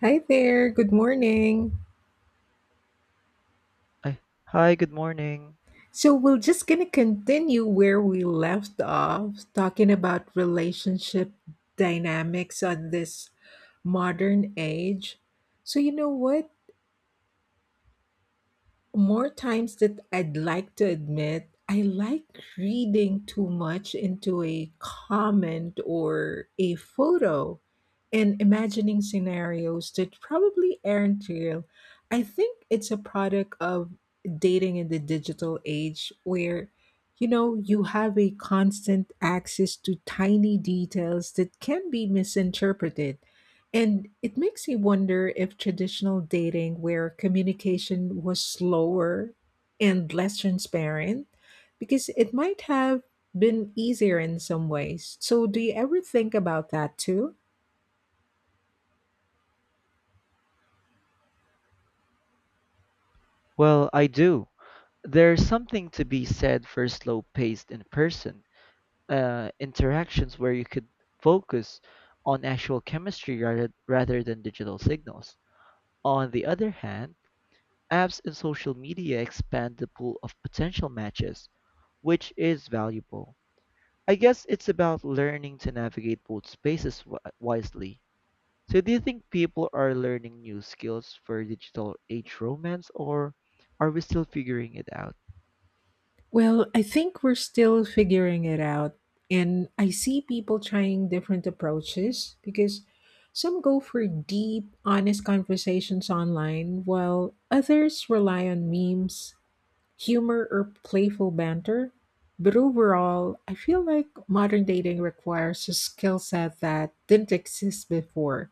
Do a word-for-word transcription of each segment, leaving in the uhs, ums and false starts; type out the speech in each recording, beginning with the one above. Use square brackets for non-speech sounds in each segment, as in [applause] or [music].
Hi there. Good morning. Ay, hi, good morning. So we're just going to continue where we left off talking about relationship dynamics on this modern age. So you know what? More times that I'd like to admit, I like reading too much into a comment or a photo and imagining scenarios that probably aren't real. I think it's a product of dating in the digital age where you know you have a constant access to tiny details that can be misinterpreted and it makes me wonder if traditional dating, where communication was slower and less transparent, because it might have been easier in some ways. So, do you ever think about that too? Well, I do. There's something to be said for slow-paced in-person uh, interactions where you could focus on actual chemistry rather, rather than digital signals. On the other hand, apps and social media expand the pool of potential matches, which is valuable. I guess it's about learning to navigate both spaces wi- wisely. So do you think people are learning new skills for digital age romance, or are we still figuring it out? Well, I think we're still figuring it out. And I see people trying different approaches because some go for deep, honest conversations online, while others rely on memes humor or playful banter. But overall, I feel like modern dating requires a skill set that didn't exist before,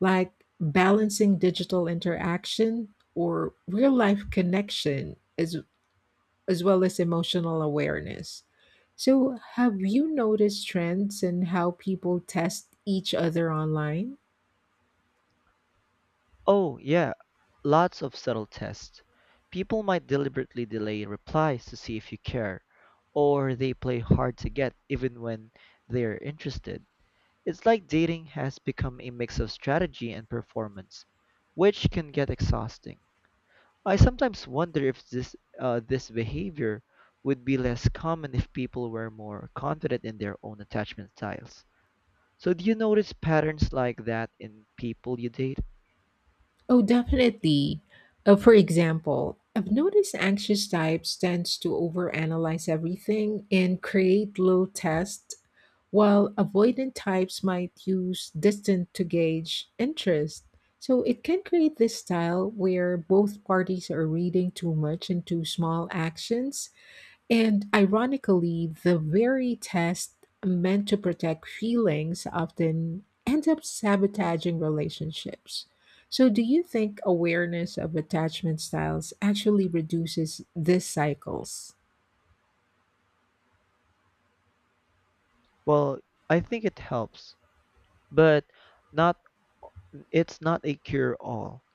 like balancing digital interaction or real life connection as, as well as emotional awareness. So, have you noticed trends in how people test each other online? Oh, yeah, lots of subtle tests. People might deliberately delay replies to see if you care, or they play hard to get even when they're interested. It's like dating has become a mix of strategy and performance, which can get exhausting. I sometimes wonder if this uh, this behavior would be less common if people were more confident in their own attachment styles. So do you notice patterns like that in people you date? Oh, definitely. Uh, for example, I've noticed anxious types tends to overanalyze everything and create little tests, while avoidant types might use distance to gauge interest. So it can create this style where both parties are reading too much into small actions and ironically, the very test meant to protect feelings often end up sabotaging relationships. So, do you think awareness of attachment styles actually reduces these cycles? Well, I think it helps, but not it's not a cure all.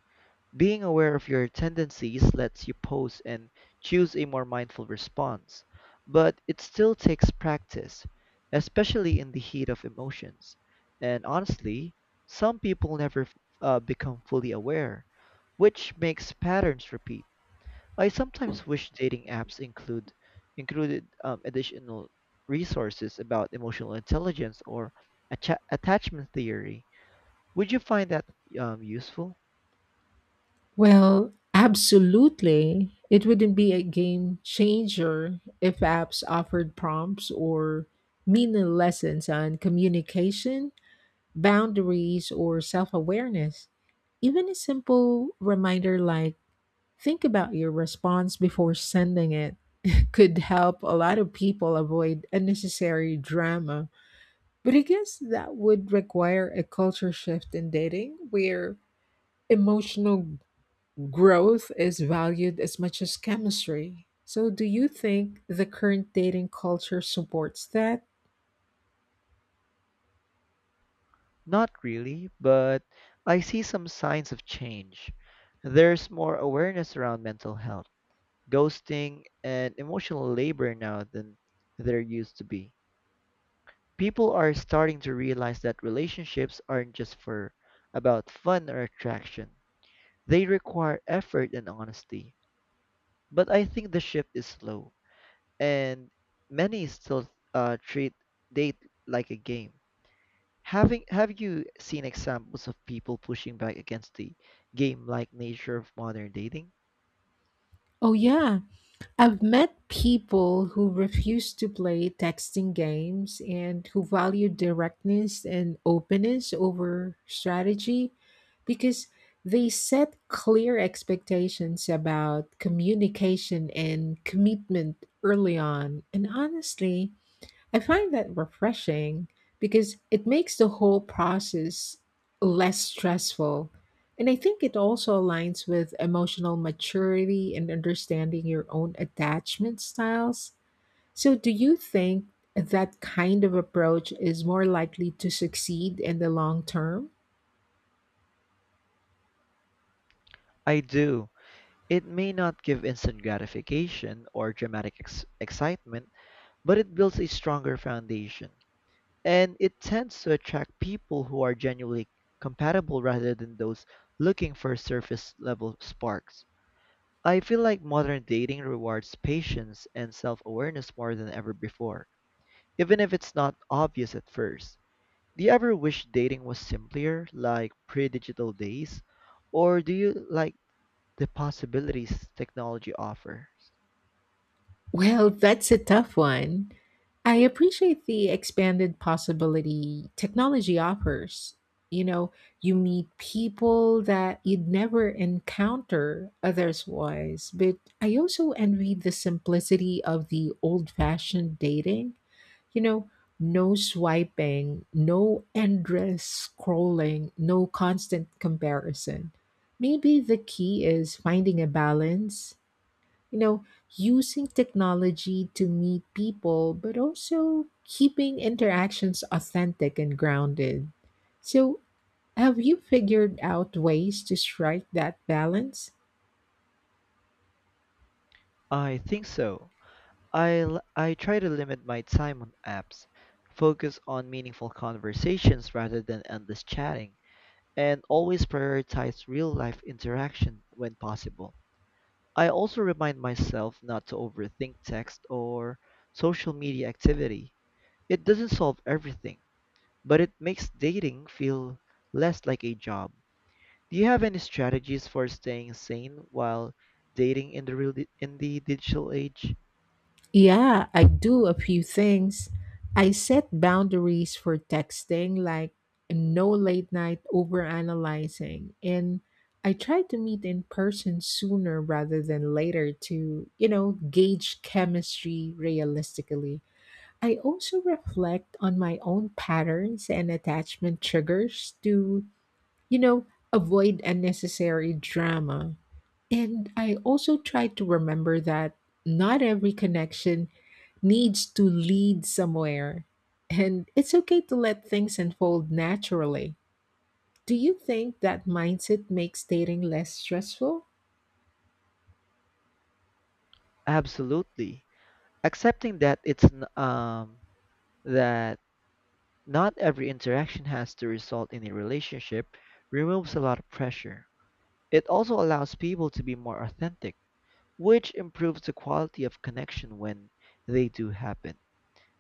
Being aware of your tendencies lets you pause and choose a more mindful response, but it still takes practice, especially in the heat of emotions. And honestly, some people never uh, become fully aware, which makes patterns repeat. I sometimes wish dating apps include included um, additional resources about emotional intelligence or atta- attachment theory. Would you find that um, useful? Well, absolutely. It wouldn't be a game changer if apps offered prompts or meaning lessons on communication boundaries or self awareness. Even a simple reminder like, think about your response before sending it, [laughs] could help a lot of people avoid unnecessary drama. But I guess that would require a culture shift in dating where emotional growth is valued as much as chemistry. So, do you think the current dating culture supports that? Not really, but I see some signs of change. There's more awareness around mental health, ghosting, and emotional labor now than there used to be. People are starting to realize that relationships aren't just for about fun or attraction. They require effort and honesty. But I think the shift is slow, and many still uh, treat date like a game. Having Have you seen examples of people pushing back against the game-like nature of modern dating? Oh, yeah. I've met people who refuse to play texting games and who value directness and openness over strategy because they set clear expectations about communication and commitment early on. And honestly, I find that refreshing because it makes the whole process less stressful. And I think it also aligns with emotional maturity and understanding your own attachment styles. So, do you think that kind of approach is more likely to succeed in the long term? I do. It may not give instant gratification or dramatic ex- excitement, but it builds a stronger foundation. And it tends to attract people who are genuinely compatible rather than those looking for surface level sparks. I feel like modern dating rewards patience and self awareness more than ever before, even if it's not obvious at first. Do you ever wish dating was simpler, like pre-digital days? Or do you like the possibilities technology offers? Well, that's a tough one. I appreciate the expanded possibility technology offers. You know, you meet people that you'd never encounter otherwise, but I also envy the simplicity of the old fashioned dating. You know, no swiping, no endless scrolling, no constant comparison. Maybe the key is finding a balance you know, using technology to meet people, but also keeping interactions authentic and grounded. So, have you figured out ways to strike that balance? I think so. I, l- I try to limit my time on apps, focus on meaningful conversations rather than endless chatting, and always prioritize real-life interaction when possible. I also remind myself not to overthink text or social media activity. It doesn't solve everything, but it makes dating feel less like a job. Do you have any strategies for staying sane while dating in the real di- in the digital age? Yeah, I do a few things. I set boundaries for texting, like no late night overanalyzing, and I try to meet in person sooner rather than later to, you know, gauge chemistry realistically. I also reflect on my own patterns and attachment triggers to, you know, avoid unnecessary drama. And I also try to remember that not every connection needs to lead somewhere. And it's okay to let things unfold naturally. Do you think that mindset makes dating less stressful? Absolutely. Accepting that it's n- um that not every interaction has to result in a relationship removes a lot of pressure. It also allows people to be more authentic, which improves the quality of connection when they do happen.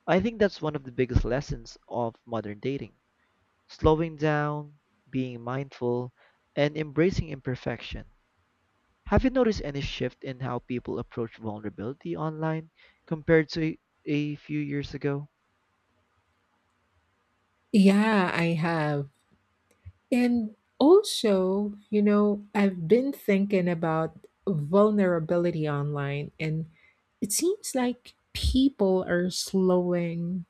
I think that's one of the biggest lessons of modern dating: slowing down, being mindful, and embracing imperfection. Have you noticed any shift in how people approach vulnerability online compared to a few years ago? Yeah, I have. And also, you know, I've been thinking about vulnerability online, and it seems like people are slowing,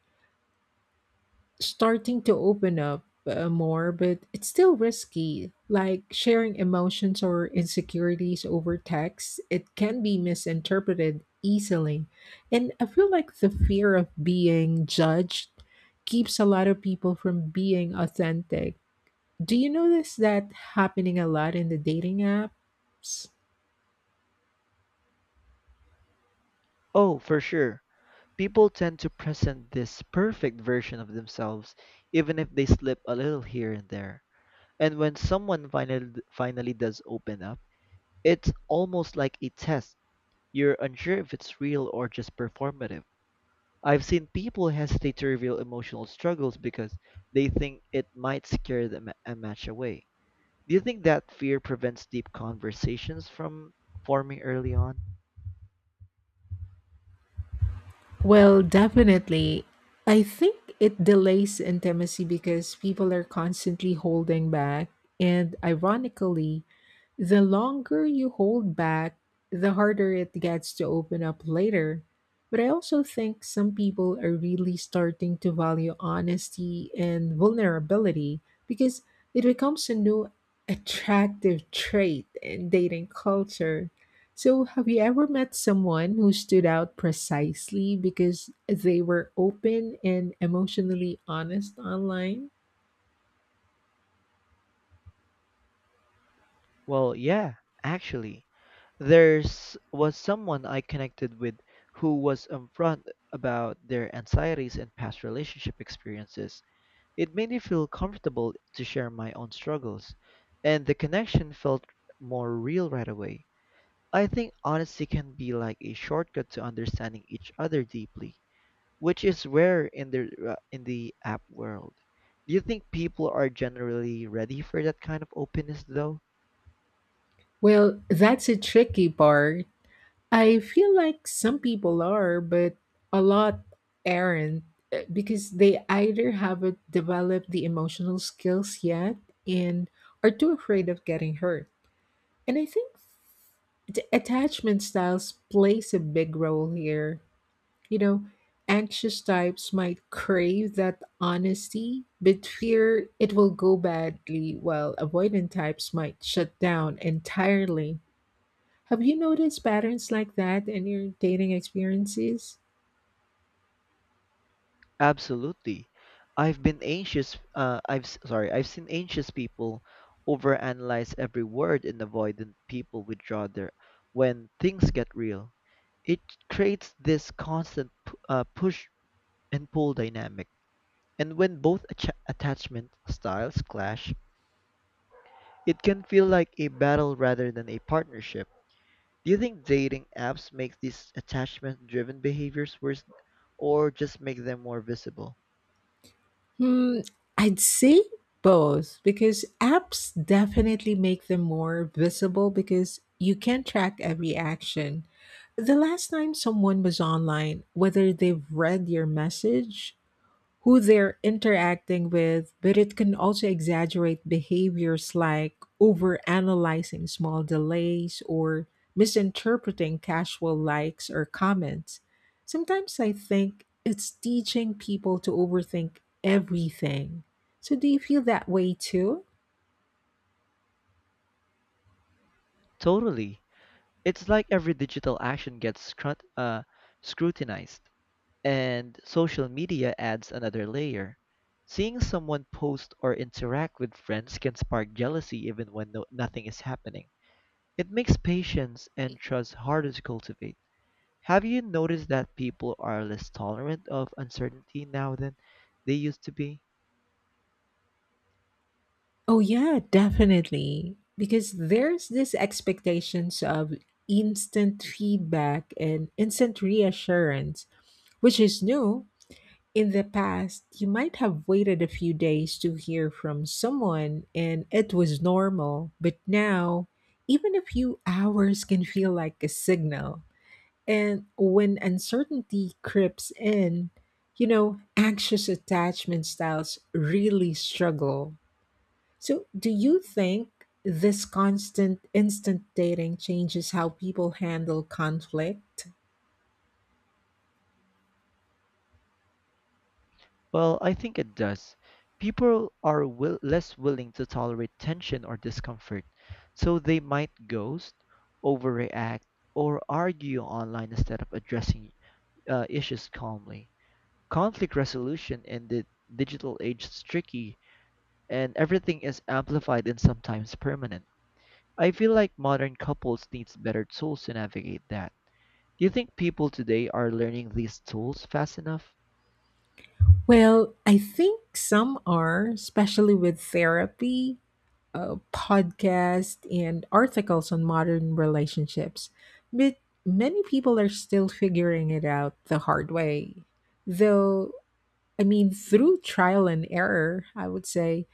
starting to open up uh, more, but it's still risky. Like sharing emotions or insecurities over text, it can be misinterpreted easily. And I feel like the fear of being judged keeps a lot of people from being authentic do you notice that happening a lot in the dating apps? Oh, for sure. People tend to present this perfect version of themselves even if they slip a little here and there. And when someone finally finally does open up, it's almost like a test. You're unsure if it's real or just performative. I've seen people hesitate to reveal emotional struggles because they think it might scare them a match away. Do you think that fear prevents deep conversations from forming early on? Well, definitely. I think it delays intimacy because people are constantly holding back. And ironically, the longer you hold back, the harder it gets to open up later. But I also think some people are really starting to value honesty and vulnerability because it becomes a new attractive trait in dating culture. So, have you ever met someone who stood out precisely because they were open and emotionally honest online? Well, yeah, actually. There's Was someone I connected with who was upfront about their anxieties and past relationship experiences. It made me feel comfortable to share my own struggles, and the connection felt more real right away. I think honesty can be like a shortcut to understanding each other deeply, which is rare in the uh, in the app world. Do you think people are generally ready for that kind of openness though? Well, that's a tricky part I feel like some people are, but a lot aren't uh, because they either haven't developed the emotional skills yet and are too afraid of getting hurt. And I think the attachment styles plays a big role here. You know, anxious types might crave that honesty, but fear it will go badly, while avoidant types might shut down entirely. Have you noticed patterns like that in your dating experiences? Absolutely. I've been anxious uh, I've s- sorry, I've seen anxious people overanalyze every word and avoidant people withdraw their when things get real. It creates this constant p- uh, push and pull dynamic. And when both acha- attachment styles clash, it can feel like a battle rather than a partnership. Do you think dating apps make these attachment driven behaviors worse, or just make them more visible? Hmm, I'd say both because apps definitely make them more visible because you can track every action. The last time someone was online, whether they've read your message who they're interacting with, but it can also exaggerate behaviors like overanalyzing small delays or misinterpreting casual likes or comments. Sometimes I think it's teaching people to overthink everything. So, do you feel that way too? Totally. It's like every digital action gets scrut- uh, scrutinized, and social media adds another layer. Seeing someone post or interact with friends can spark jealousy even when no- nothing is happening. It makes patience and trust harder to cultivate. Have you noticed that people are less tolerant of uncertainty now than they used to be? Oh, yeah, definitely. Because there's this expectations of instant feedback and instant reassurance, which is new in the past, you might have waited a few days to hear from someone and it was normal, but now, even a few hours can feel like a signal. And when uncertainty creeps in, you know, anxious attachment styles really struggle. So, do you think this constant instant dating changes how people handle conflict? Well, I think it does. People are will- less willing to tolerate tension or discomfort, so they might ghost, overreact, or argue online instead of addressing uh, issues calmly. Conflict resolution in the digital age is tricky, and everything is amplified and sometimes permanent. I feel like modern couples needs better tools to navigate that. Do you think people today are learning these tools fast enough? Well, I think some are, especially with therapy uh, podcasts and articles on modern relationships, but many people are still figuring it out the hard way. Though, I mean, through trial and error, I would say.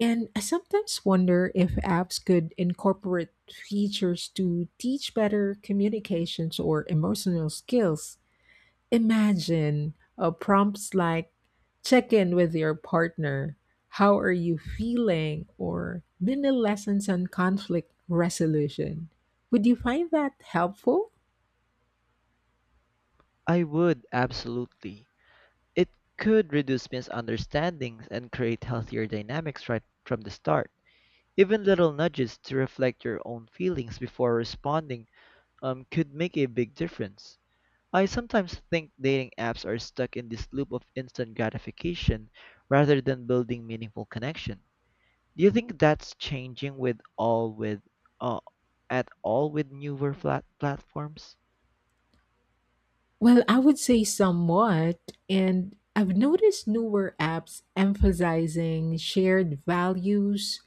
And I sometimes wonder if apps could incorporate features to teach better communications or emotional skills. Imagine uh, prompts like check in with your partner, how are you feeling, or mini lessons on conflict resolution. Would you find that helpful? I would, absolutely. It could reduce misunderstandings and create healthier dynamics right from the start. Even little nudges to reflect your own feelings before responding um, could make a big difference. I sometimes think dating apps are stuck in this loop of instant gratification rather than building meaningful connection. Do you think that's changing with all with uh, at all with newer flat platforms? Well, I would say somewhat. And I've noticed newer apps emphasizing shared values,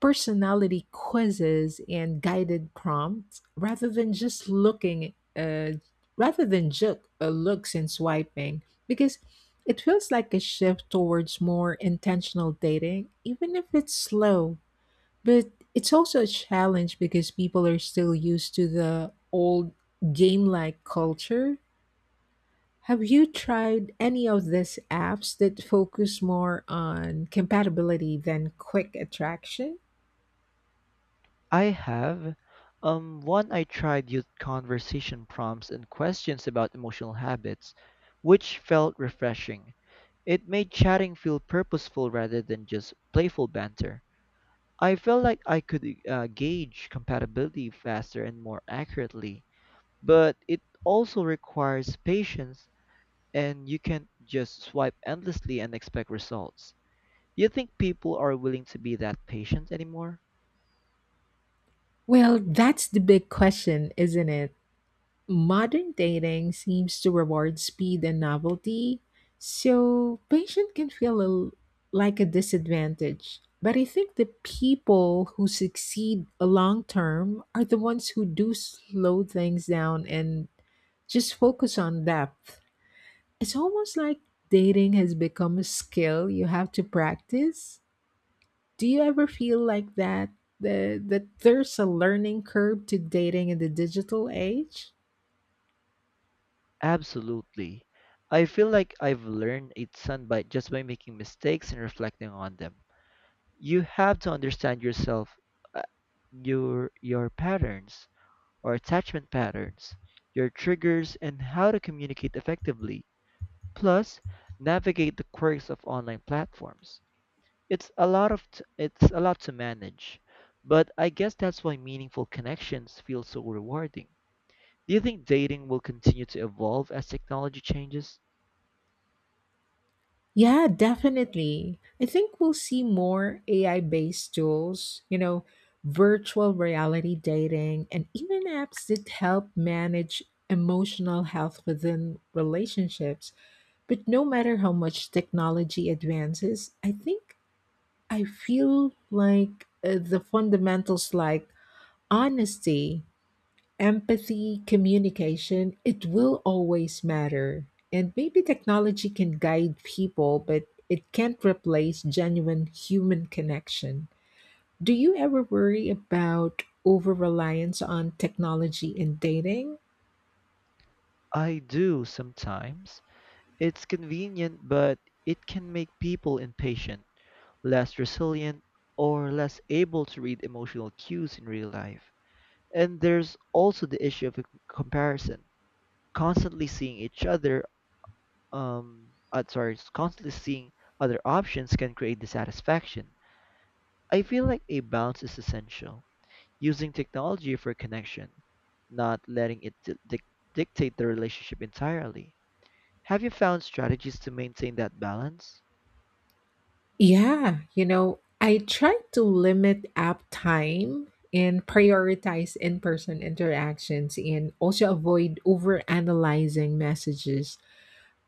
personality quizzes, and guided prompts rather than just looking, uh, rather than just uh, looks and swiping. Because it feels like a shift towards more intentional dating, even if it's slow. But it's also a challenge because people are still used to the old game like culture have you tried any of these apps that focus more on compatibility than quick attraction? I have. Um, one I tried used conversation prompts and questions about emotional habits, which felt refreshing. It made chatting feel purposeful rather than just playful banter. I felt like I could uh, gauge compatibility faster and more accurately, but it also requires patience, and you can't just swipe endlessly and expect results. Do you think people are willing to be that patient anymore? Well, that's the big question, isn't it? Modern dating seems to reward speed and novelty, so patience can feel a l like a disadvantage. But I think the people who succeed a long term are the ones who do slow things down and just focus on depth. It's almost like dating has become a skill you have to practice. Do you ever feel like that? The, that there's a learning curve to dating in the digital age? Absolutely. I feel like I've learned a ton by just by making mistakes and reflecting on them. You have to understand yourself, uh, your your patterns or attachment patterns, your triggers and how to communicate effectively. Plus, navigate the quirks of online platforms. It's a lot of t- it's a lot to manage, but I guess that's why meaningful connections feel so rewarding. Do you think dating will continue to evolve as technology changes? Yeah, definitely. I think we'll see more A I based tools, you know, virtual reality dating, and even apps that help manage emotional health within relationships. But no matter how much technology advances, I think I feel like uh, the fundamentals like honesty, empathy, communication, it will always matter. And maybe technology can guide people, but it can't replace genuine human connection. Do you ever worry about over reliance on technology in dating? I do sometimes. It's convenient, but it can make people impatient, less resilient, or less able to read emotional cues in real life. And there's also the issue of a comparison, constantly seeing each other, um, uh, sorry, constantly seeing other options can create dissatisfaction. I feel like a balance is essential, using technology for connection, not letting it di- dic- dictate the relationship entirely. Have you found strategies to maintain that balance? Yeah, you know, I try to limit app time and prioritize in person interactions and also avoid over analyzing messages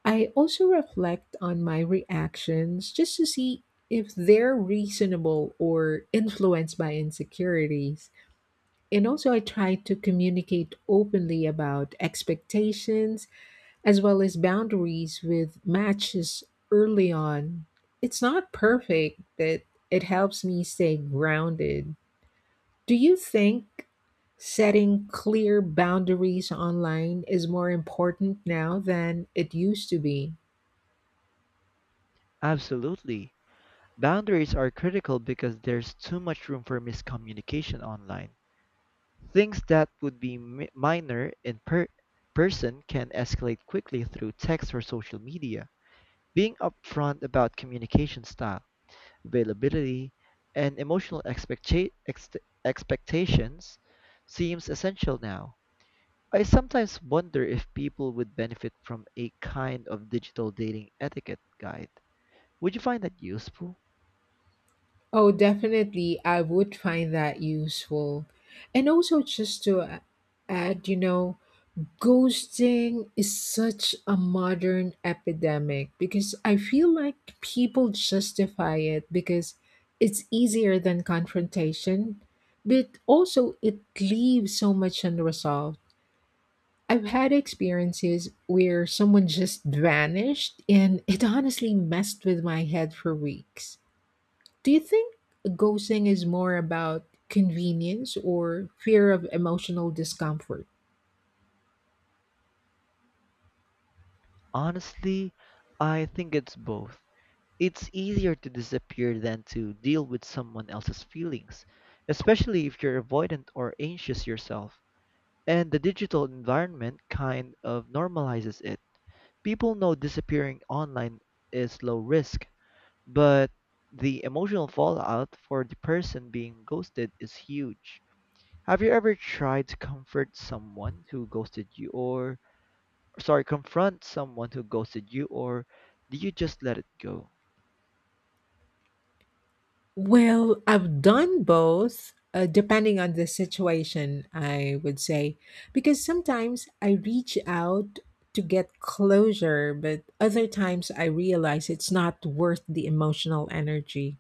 I also reflect on my reactions just to see if they're reasonable or influenced by insecurities. And also, I try to communicate openly about expectations as well as boundaries with matches early on. It's not perfect, but it helps me stay grounded. Do you think setting clear boundaries online is more important now than it used to be? Absolutely. Boundaries are critical because there's too much room for miscommunication online. Things that would be mi- minor in per- person can escalate quickly through text or social media. Being upfront about communication style, availability, and emotional expecta- ex- expectations seems essential now. I sometimes wonder if people would benefit from a kind of digital dating etiquette guide. Would you find that useful? Oh, definitely. I would find that useful. And also, just to a- add, you know, ghosting is such a modern epidemic because I feel like people justify it because it's easier than confrontation, but also it leaves so much unresolved. I've had experiences where someone just vanished and it honestly messed with my head for weeks. Do you think ghosting is more about convenience or fear of emotional discomfort? Honestly, I think it's both. It's easier to disappear than to deal with someone else's feelings, especially if you're avoidant or anxious yourself. And the digital environment kind of normalizes it. People know disappearing online is low risk, but the emotional fallout for the person being ghosted is huge. Have you ever tried to comfort someone who ghosted you or sorry, confront someone who ghosted you, or do you just let it go? Well, I've done both, uh, depending on the situation, I would say, because sometimes I reach out to get closure, but other times I realize it's not worth the emotional energy.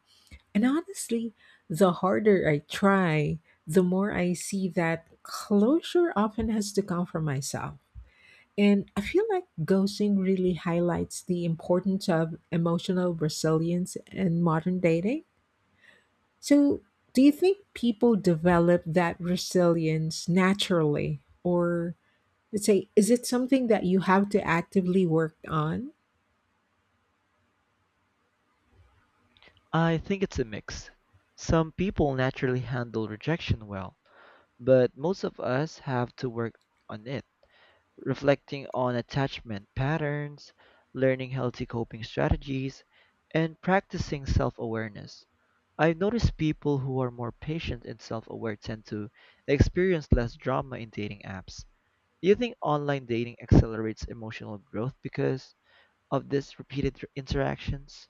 And honestly, the harder I try, the more I see that closure often has to come from myself. And I feel like ghosting really highlights the importance of emotional resilience in modern dating. So, do you think people develop that resilience naturally? Or let's say, is it something that you have to actively work on? I think it's a mix. Some people naturally handle rejection well, but most of us have to work on it: reflecting on attachment patterns, learning healthy coping strategies, and practicing self awareness. I've noticed people who are more patient and self aware tend to experience less drama in dating apps. Do you think online dating accelerates emotional growth because of this repeated tr- interactions?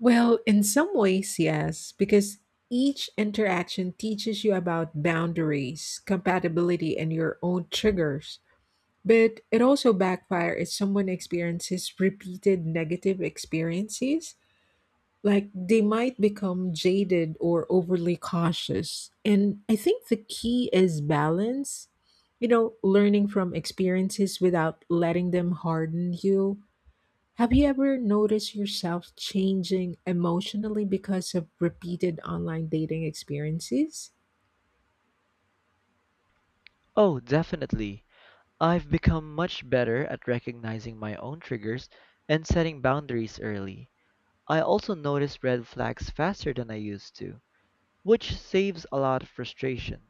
Well, in some ways, yes, because each interaction teaches you about boundaries, compatibility, and your own triggers. But it also backfires if someone experiences repeated negative experiences. Like they might become jaded or overly cautious. And I think the key is balance, you know, learning from experiences without letting them harden you have you ever noticed yourself changing emotionally because of repeated online dating experiences? Oh, definitely. I've become much better at recognizing my own triggers and setting boundaries early. I also notice red flags faster than I used to, which saves a lot of frustration.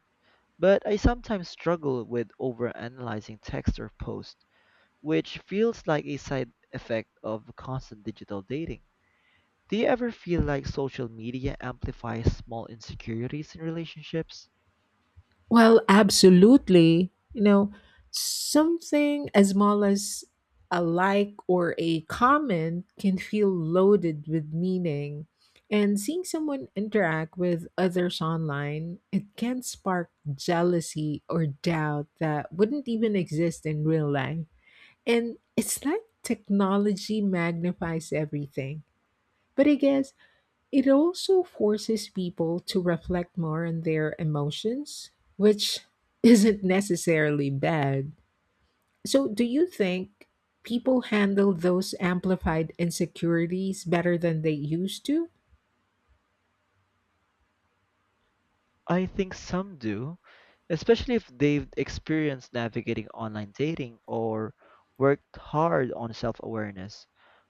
But I sometimes struggle with overanalyzing text or post, which feels like a side effect of constant digital dating. Do you ever feel like social media amplifies small insecurities in relationships? Well, absolutely. You know, something as small as a like or a comment can feel loaded with meaning. And seeing someone interact with others online, it can spark jealousy or doubt that wouldn't even exist in real life. And it's like technology magnifies everything. But I guess it also forces people to reflect more on their emotions, which [laughs] isn't necessarily bad. So, do you think people handle those amplified insecurities better than they used to? I think some do, especially if they've experienced navigating online dating or worked hard on self awareness.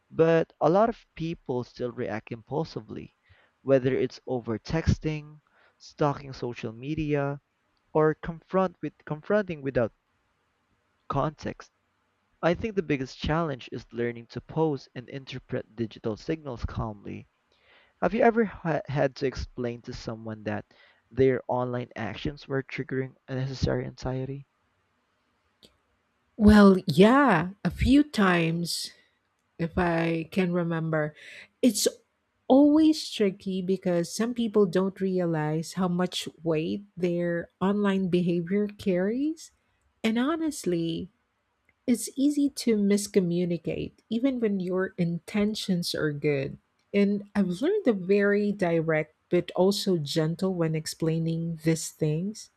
But a lot of people still react impulsively, whether it's over texting, stalking social media, or confront with confronting without context. I think the biggest challenge is learning to pose and interpret digital signals calmly. Have you ever ha- had to explain to someone that their online actions were triggering unnecessary anxiety? Well, yeah, a few times if I can remember. It's always tricky because some people don't realize how much weight their online behavior carries. And honestly, it's easy to miscommunicate, even when your intentions are good. And I've learned to very direct but also gentle when explaining these things.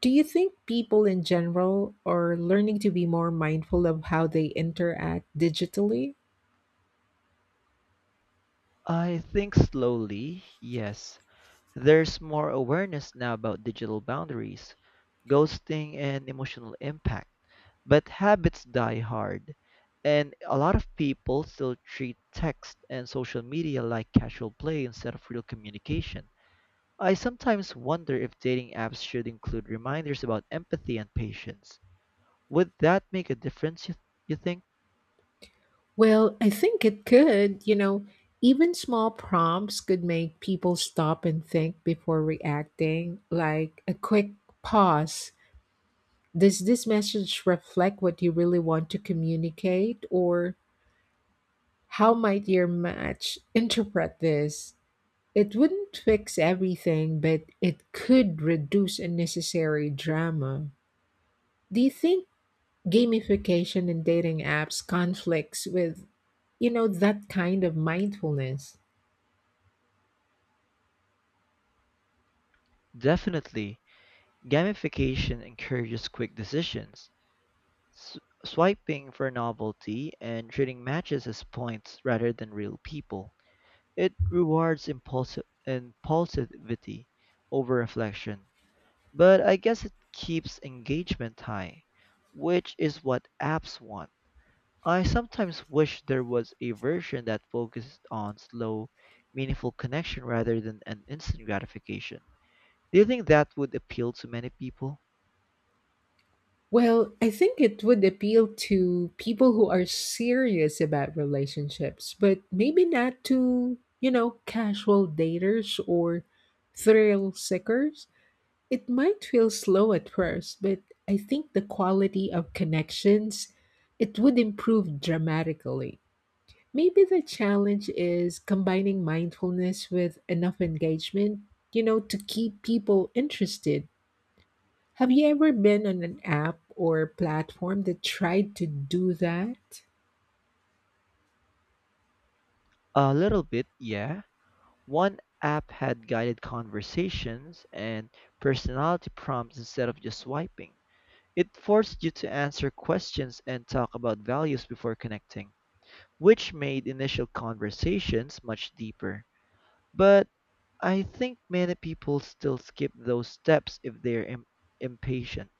Do you think people in general are learning to be more mindful of how they interact digitally? I think slowly, yes. There's more awareness now about digital boundaries, ghosting, and emotional impact. But habits die hard, and a lot of people still treat text and social media like casual play instead of real communication. I sometimes wonder if dating apps should include reminders about empathy and patience. Would that make a difference, you, you think? Well, I think it could. You know, even small prompts could make people stop and think before reacting, like a quick pause. Does this message reflect what you really want to communicate? Or how might your match interpret this? It wouldn't fix everything, but it could reduce unnecessary drama. Do you think gamification in dating apps conflicts with, you know, that kind of mindfulness? Definitely. Gamification encourages quick decisions, S- swiping for novelty and treating matches as points rather than real people. It rewards impulsive impulsivity over reflection. But I guess it keeps engagement high, which is what apps want. I sometimes wish there was a version that focused on slow, meaningful connection rather than an instant gratification. Do you think that would appeal to many people? Well, I think it would appeal to people who are serious about relationships, but maybe not to, you know, casual daters or thrill seekers. It might feel slow at first, but I think the quality of connections it would improve dramatically. Maybe the challenge is combining mindfulness with enough engagement, you know, to keep people interested have you ever been on an app or platform that tried to do that? A little bit, yeah. One app had guided conversations and personality prompts instead of just swiping. It forced you to answer questions and talk about values before connecting, which made initial conversations much deeper. But I think many people still skip those steps if they're im- impatient,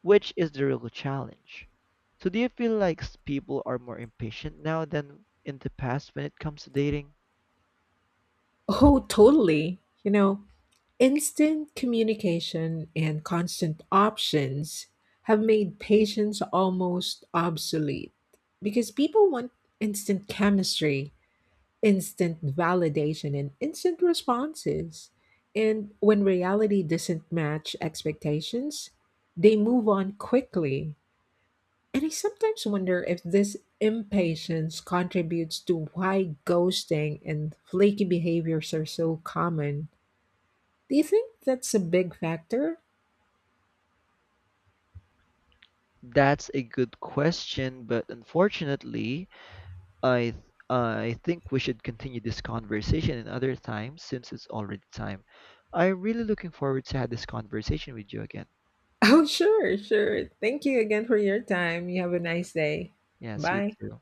which is the real challenge. So, do you feel like s- people are more impatient now than in the past when it comes to dating? Oh, totally. You know, instant communication and constant options have made patience almost obsolete because people want instant chemistry, instant validation, and instant responses. And when reality doesn't match expectations, they move on quickly And I sometimes wonder if this impatience contributes to why ghosting and flaky behaviors are so common. Do you think that's a big factor? [laughs] That's a good question, but unfortunately, I th- I think we should continue this conversation in other times since it's already time. I'm really looking forward to have this conversation with you again. Oh, sure, sure. Thank you again for your time. You have a nice day. Yes, you Bye. too.